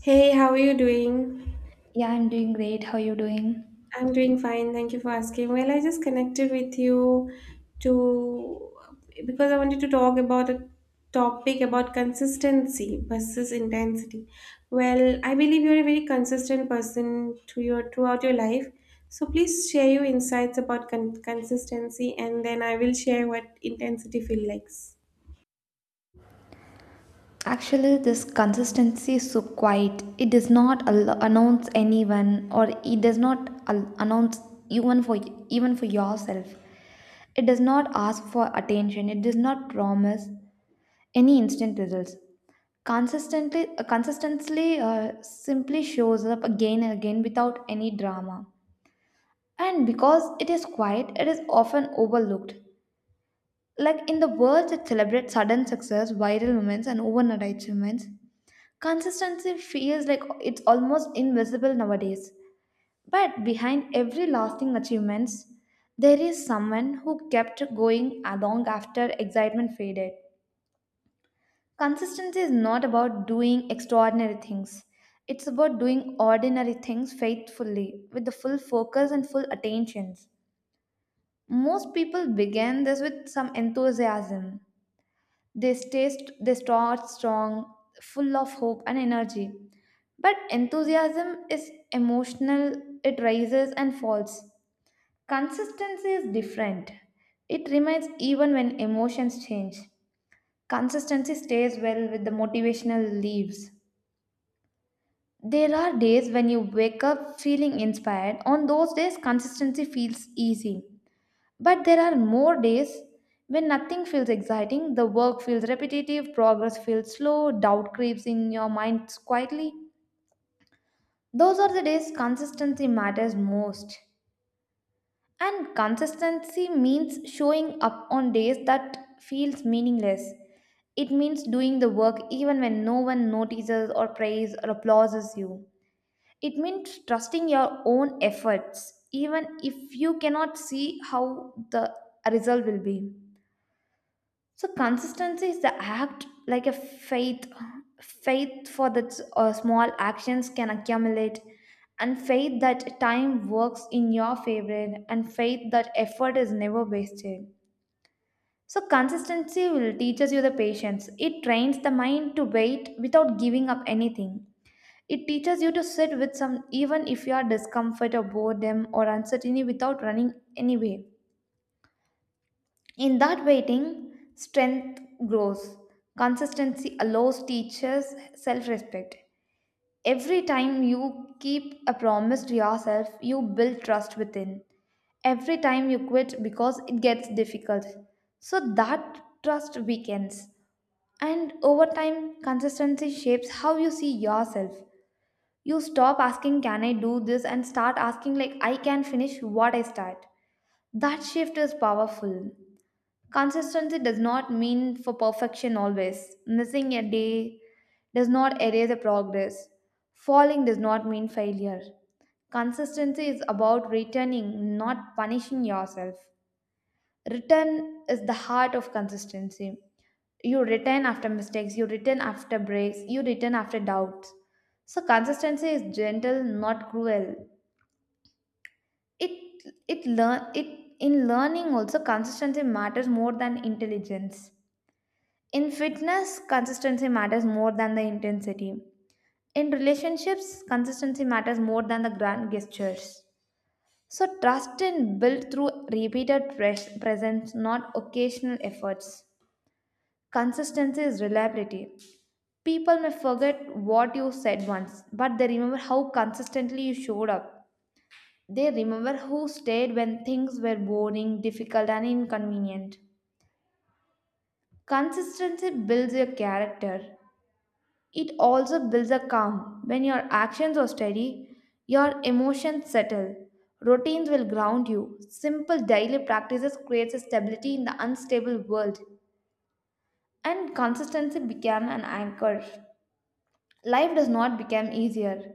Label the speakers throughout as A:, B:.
A: Hey, how are you doing?
B: Yeah, I'm doing great. How are you doing?
A: I'm doing fine. Thank you for asking. Well, I just connected with you to because I wanted to talk about a topic about consistency versus intensity. Well, I believe you're a very consistent person to your throughout your life. So please share your insights about consistency, and then I will share what intensity feels like.
B: Actually, this consistency is so quiet. It does not announce anyone, or it does not announce even for even for yourself. It does not ask for attention. It does not promise any instant results. Consistently, consistently, simply shows up again and again without any drama. And because it is quiet, it is often overlooked. Like in the worlds that celebrate sudden success, viral moments, and overnight achievements, consistency feels like it's almost invisible nowadays. But behind every lasting achievements, there is someone who kept going along after excitement faded. Consistency is not about doing extraordinary things. It's about doing ordinary things faithfully, with the full focus and full attentions. Most people begin this with some enthusiasm. They start strong, full of hope and energy. But enthusiasm is emotional, it rises and falls. Consistency is different. It remains even when emotions change. Consistency stays well with the motivational leaves. There are days when you wake up feeling inspired. On those days, consistency feels easy. But there are more days when nothing feels exciting, the work feels repetitive, progress feels slow, doubt creeps in your mind quietly. Those are the days consistency matters most. And consistency means showing up on days that feels meaningless. It means doing the work even when no one notices or prays or applauses you. It means trusting your own efforts even if you cannot see how the result will be. So consistency is the act like a faith. Faith for that small actions can accumulate, and faith that time works in your favor, and faith that effort is never wasted. So consistency will teaches you the patience. It trains the mind to wait without giving up anything. It teaches you to sit with some even if you are discomfort or boredom or uncertainty without running anyway. In that waiting, strength grows. Consistency allows teachers self respect. Every time you keep a promise to yourself, you build trust within. Every time you quit because it gets difficult. So that trust weakens. And over time, consistency shapes how you see yourself. You stop asking, can I do this? And start asking, like, I can finish what I start. That shift is powerful. Consistency does not mean for perfection always. Missing a day does not erase a progress. Falling does not mean failure. Consistency is about returning, not punishing yourself. Return is the heart of consistency. You return after mistakes, you return after breaks, you return after doubts. So consistency is gentle, not cruel. It it learn it in learning also consistency matters more than intelligence. In fitness, consistency matters more than the intensity. In relationships, consistency matters more than the grand gestures. So, trust is built through repeated presence, not occasional efforts. Consistency is reliability. People may forget what you said once, but they remember how consistently you showed up. They remember who stayed when things were boring, difficult, and inconvenient. Consistency builds your character. It also builds a calm. When your actions are steady, your emotions settle. Routines will ground you. Simple daily practices creates a stability in the unstable world, and consistency became an anchor. Life does not become easier,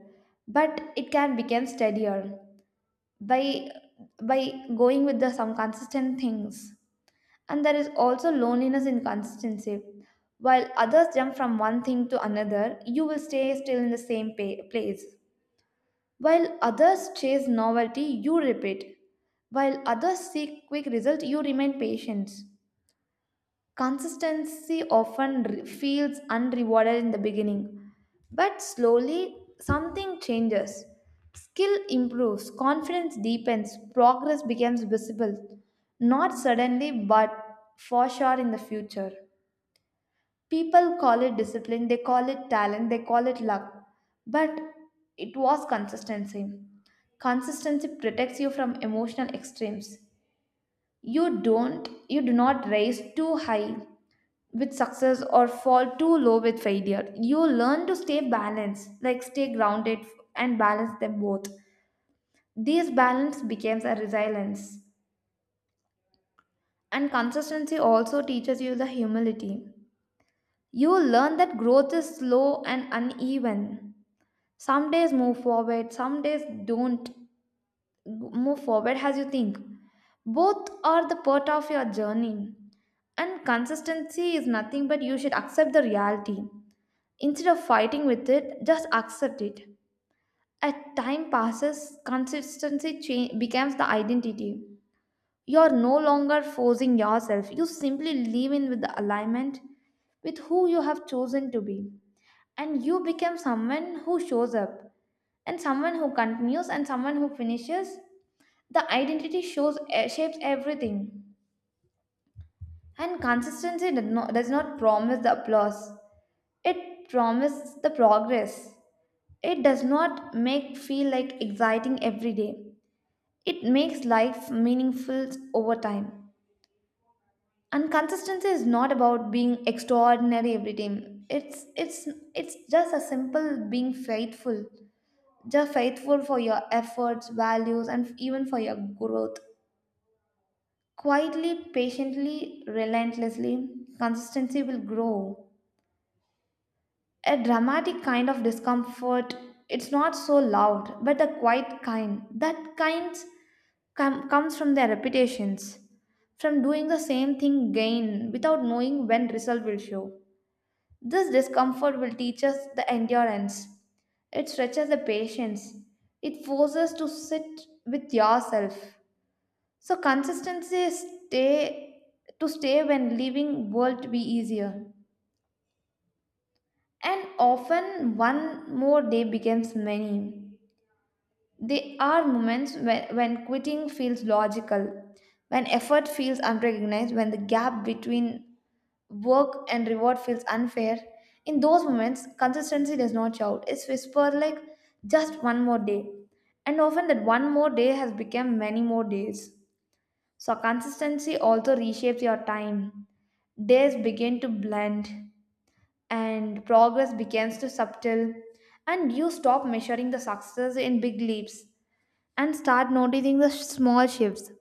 B: but it can become steadier by by going with the some consistent things. And there is also loneliness in consistency. While others jump from one thing to another, you will stay still in the same place. While others chase novelty, you repeat. While others seek quick result, you remain patient. Consistency often feels unrewarded in the beginning, but slowly something changes. Skill improves, confidence deepens, progress becomes visible, not suddenly but for sure in the future. People call it discipline, they call it talent, they call it luck, but it was consistency. Consistency protects you from emotional extremes. You do not raise too high with success or fall too low with failure. You learn to stay balanced, like stay grounded and balance them both. This balance becomes a resilience. And consistency also teaches you the humility. You learn that growth is slow and uneven. Some days move forward, some days don't move forward as you think. Both are the part of your journey. And consistency is nothing but you should accept the reality. Instead of fighting with it, just accept it. As time passes, consistency becomes the identity. You are no longer forcing yourself, you simply live in with the alignment with who you have chosen to be. And you become someone who shows up, and someone who continues, and someone who finishes. The identity shows shapes everything. And consistency does not promise the applause, it promises the progress. It does not make feel like exciting every day. It makes life meaningful over time. And consistency is not about being extraordinary every time. It's just a simple being faithful. Just faithful for your efforts, values, and even for your growth. Quietly, patiently, relentlessly, consistency will grow. A dramatic kind of discomfort. It's not so loud, but a quiet kind. That kind comes from their repetitions, from doing the same thing again without knowing when result will show. This discomfort will teach us the endurance. It stretches the patience. It forces to sit with yourself. So consistency is stay to stay when leaving world to be easier. And often one more day becomes many. There are moments when quitting feels logical, when effort feels unrecognized, when the gap between work and reward feels unfair. In those moments, consistency does not shout. It's whispered like just one more day. And often that one more day has become many more days. So consistency also reshapes your time. Days begin to blend and progress begins to subtle and you stop measuring the success in big leaps and start noticing the small shifts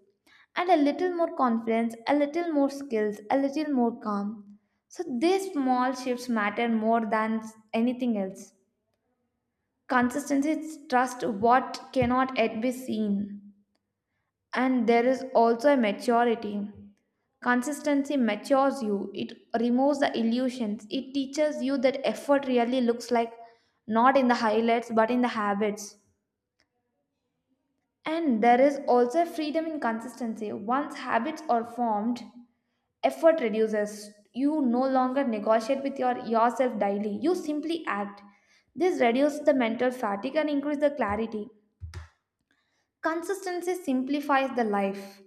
B: and a little more confidence, a little more skills, a little more calm. So these small shifts matter more than anything else. Consistency is trust what cannot yet be seen. And there is also a maturity. Consistency matures you, it removes the illusions, it teaches you that effort really looks like not in the highlights but in the habits. And there is also freedom in consistency. Once habits are formed, effort reduces. You no longer negotiate with your yourself daily. You simply act. This reduces the mental fatigue and increases the clarity. Consistency simplifies the life.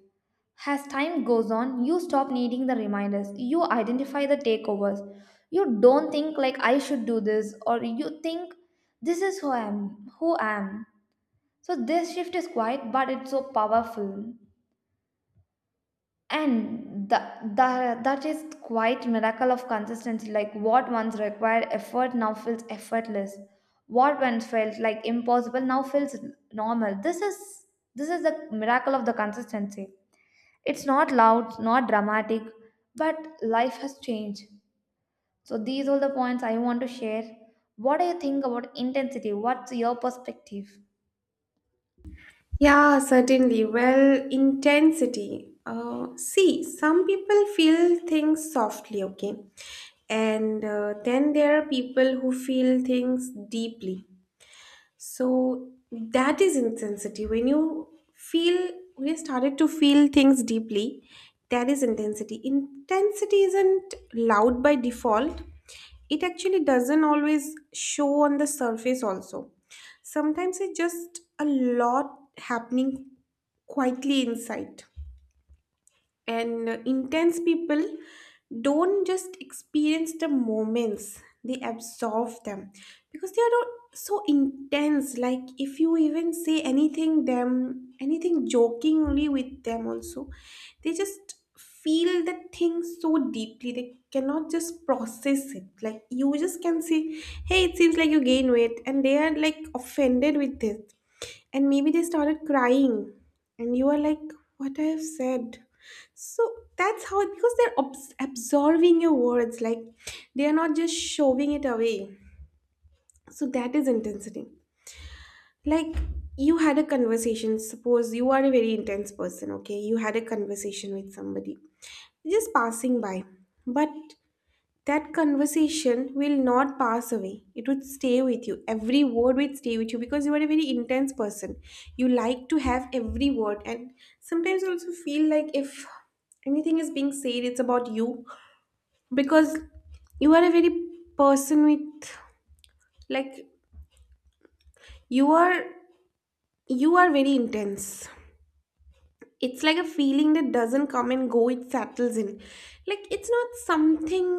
B: As time goes on, you stop needing the reminders. You identify the takeovers. You don't think like I should do this or you think this is who I am, who I am. So this shift is quiet but it's so powerful. And that is quite miracle of consistency, like what once required effort now feels effortless, what once felt like impossible now feels normal. This is the miracle of the consistency. It's not loud, not dramatic, but life has changed. So these are the points I want to share. What do you think about intensity? What's your perspective?
A: Yeah, certainly. Well, intensity. See, some people feel things softly, okay? And then there are people who feel things deeply. So that is intensity. When you feel, we started to feel things deeply, that is intensity. Intensity isn't loud by default. It actually doesn't always show on the surface, also. Sometimes it's just a lot happening quietly inside, and intense people don't just experience the moments, they absorb them, because they are not so intense. Like if you even say anything them anything jokingly with them also, they just feel the thing so deeply, they cannot just process it. Like you just can say, hey, it seems like you gain weight, and they are like offended with this, and maybe they started crying, and you are like, what I have said? So that's how, because they're absorbing your words, like they are not just shoving it away. So that is intensity. Like you had a conversation, suppose you are a very intense person, okay? You had a conversation with somebody, just passing by, but that conversation will not pass away. It would stay with you. Every word would stay with you because you are a very intense person. You like to have every word, and sometimes you also feel like if anything is being said, it's about you because you are a very person with, like, you are, you are very intense. It's like a feeling that doesn't come and go, it settles in. Like it's not something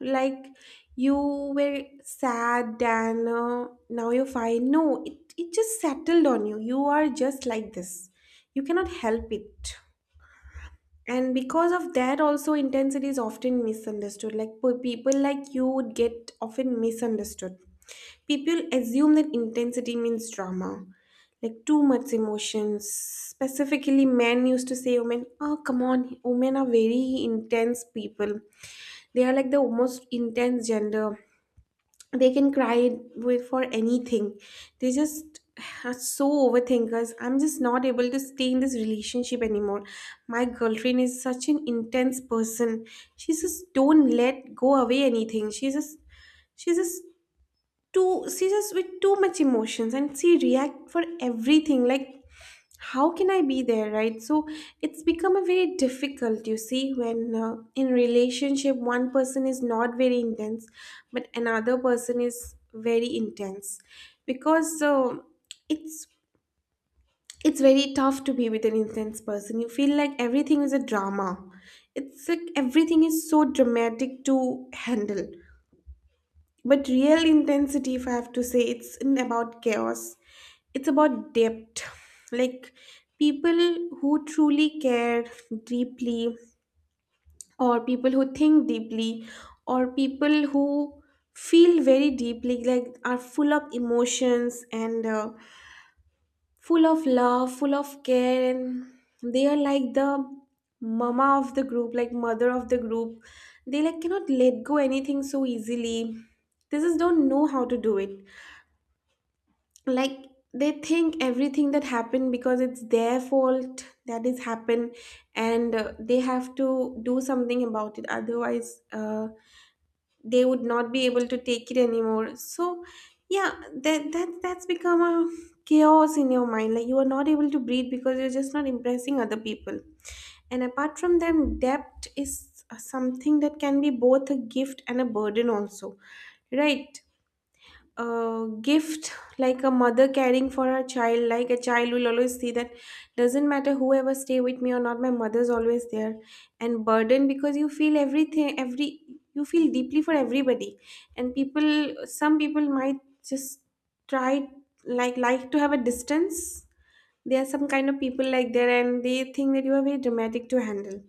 A: like you were sad and now you're fine. No, it just settled on you. You are just like this, you cannot help it. And because of that also, intensity is often misunderstood. Like people like you would get often misunderstood. People assume that intensity means drama, like too much emotions. Specifically, men used to say, women, oh, come on, women are very intense people. They are like the most intense gender. They can cry for anything. They just are so overthinkers. I'm just not able to stay in this relationship anymore. My girlfriend is such an intense person. She just don't let go away anything. She just too, she's just with too much emotions, and she react for everything. Like, how can I be there, right? So it's become a very difficult, you see, when in relationship one person is not very intense but another person is very intense, because it's it's very tough to be with an intense person. You feel like everything is a drama, it's like everything is so dramatic to handle. But real intensity, if I have to say, it's in about chaos. It's about depth. Like people who truly care deeply, or people who think deeply, or people who feel very deeply, like are full of emotions and full of love, full of care, and they are like the mama of the group, like mother of the group. They like cannot let go anything so easily. They just don't know how to do it, like they think everything that happened because it's their fault that is happened, and they have to do something about it, otherwise they would not be able to take it anymore. So yeah, that's become a chaos in your mind. Like you are not able to breathe because you're just not impressing other people. And apart from them, debt is something that can be both a gift and a burden also, right? A gift, like a mother caring for her child, like a child will always see that doesn't matter whoever stay with me or not, my mother's always there. And burden because you feel everything, every, you feel deeply for everybody. And people, some people might just try, like to have a distance. There are some kind of people like there, and they think that you are very dramatic to handle.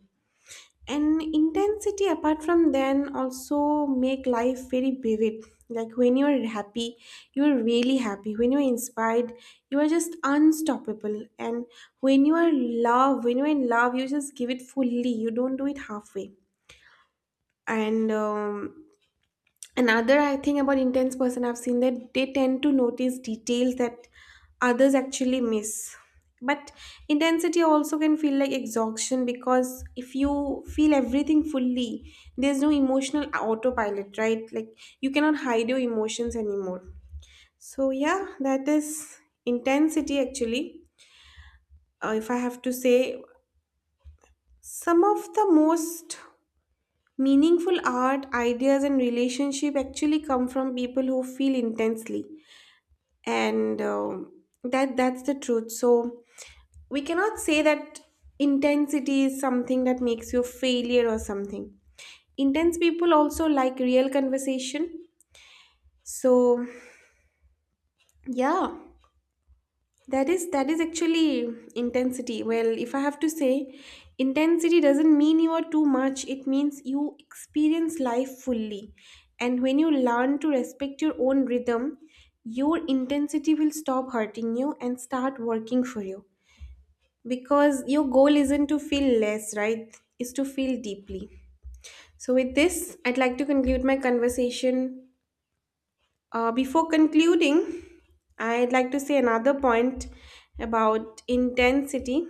A: And intensity, apart from then, also make life very vivid. Like when you're happy, you're really happy. When you're inspired, you are just unstoppable. And when you are love, when you're in love, you just give it fully, you don't do it halfway. And another I think about intense person, I've seen that they tend to notice details that others actually miss. But intensity also can feel like exhaustion, because if you feel everything fully, there's no emotional autopilot, right? Like you cannot hide your emotions anymore. So yeah, that is intensity actually. If I have to say, some of the most meaningful art ideas and relationship actually come from people who feel intensely. And that's the truth. So we cannot say that intensity is something that makes you failure or something. Intense people also like real conversation. So yeah, that is actually intensity. Well, if I have to say, intensity doesn't mean you are too much, it means you experience life fully. And when you learn to respect your own rhythm, your intensity will stop hurting you and start working for you, because your goal isn't to feel less, right? Is to feel deeply. So with this, I'd like to conclude my conversation. Before concluding, I'd like to say another point about intensity.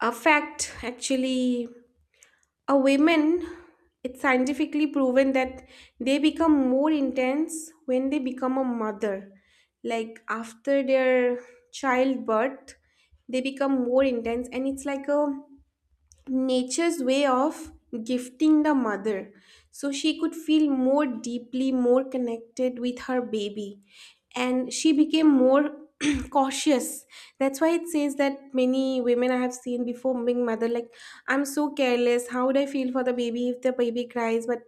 A: A fact, actually, a women, it's scientifically proven that they become more intense when they become a mother. Like after their childbirth, they become more intense, and it's like a nature's way of gifting the mother, so she could feel more deeply, more connected with her baby, and she became more cautious. That's why it says that many women I have seen before being mother, like, I'm so careless, how would I feel for the baby if the baby cries? But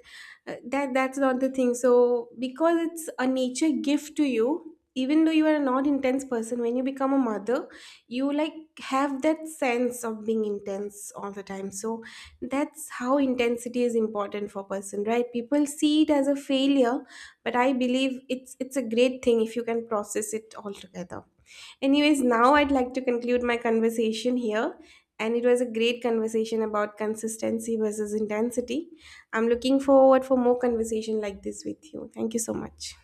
A: that that's not the thing. So because it's a nature gift to you, even though you are a not intense person, when you become a mother, you like have that sense of being intense all the time. So that's how intensity is important for person. Right, people see it as a failure, but I believe it's a great thing if you can process it all together. Anyways, now I'd like to conclude my conversation here, and it was a great conversation about consistency versus intensity. I'm looking forward for more conversation like this with you. Thank you so much.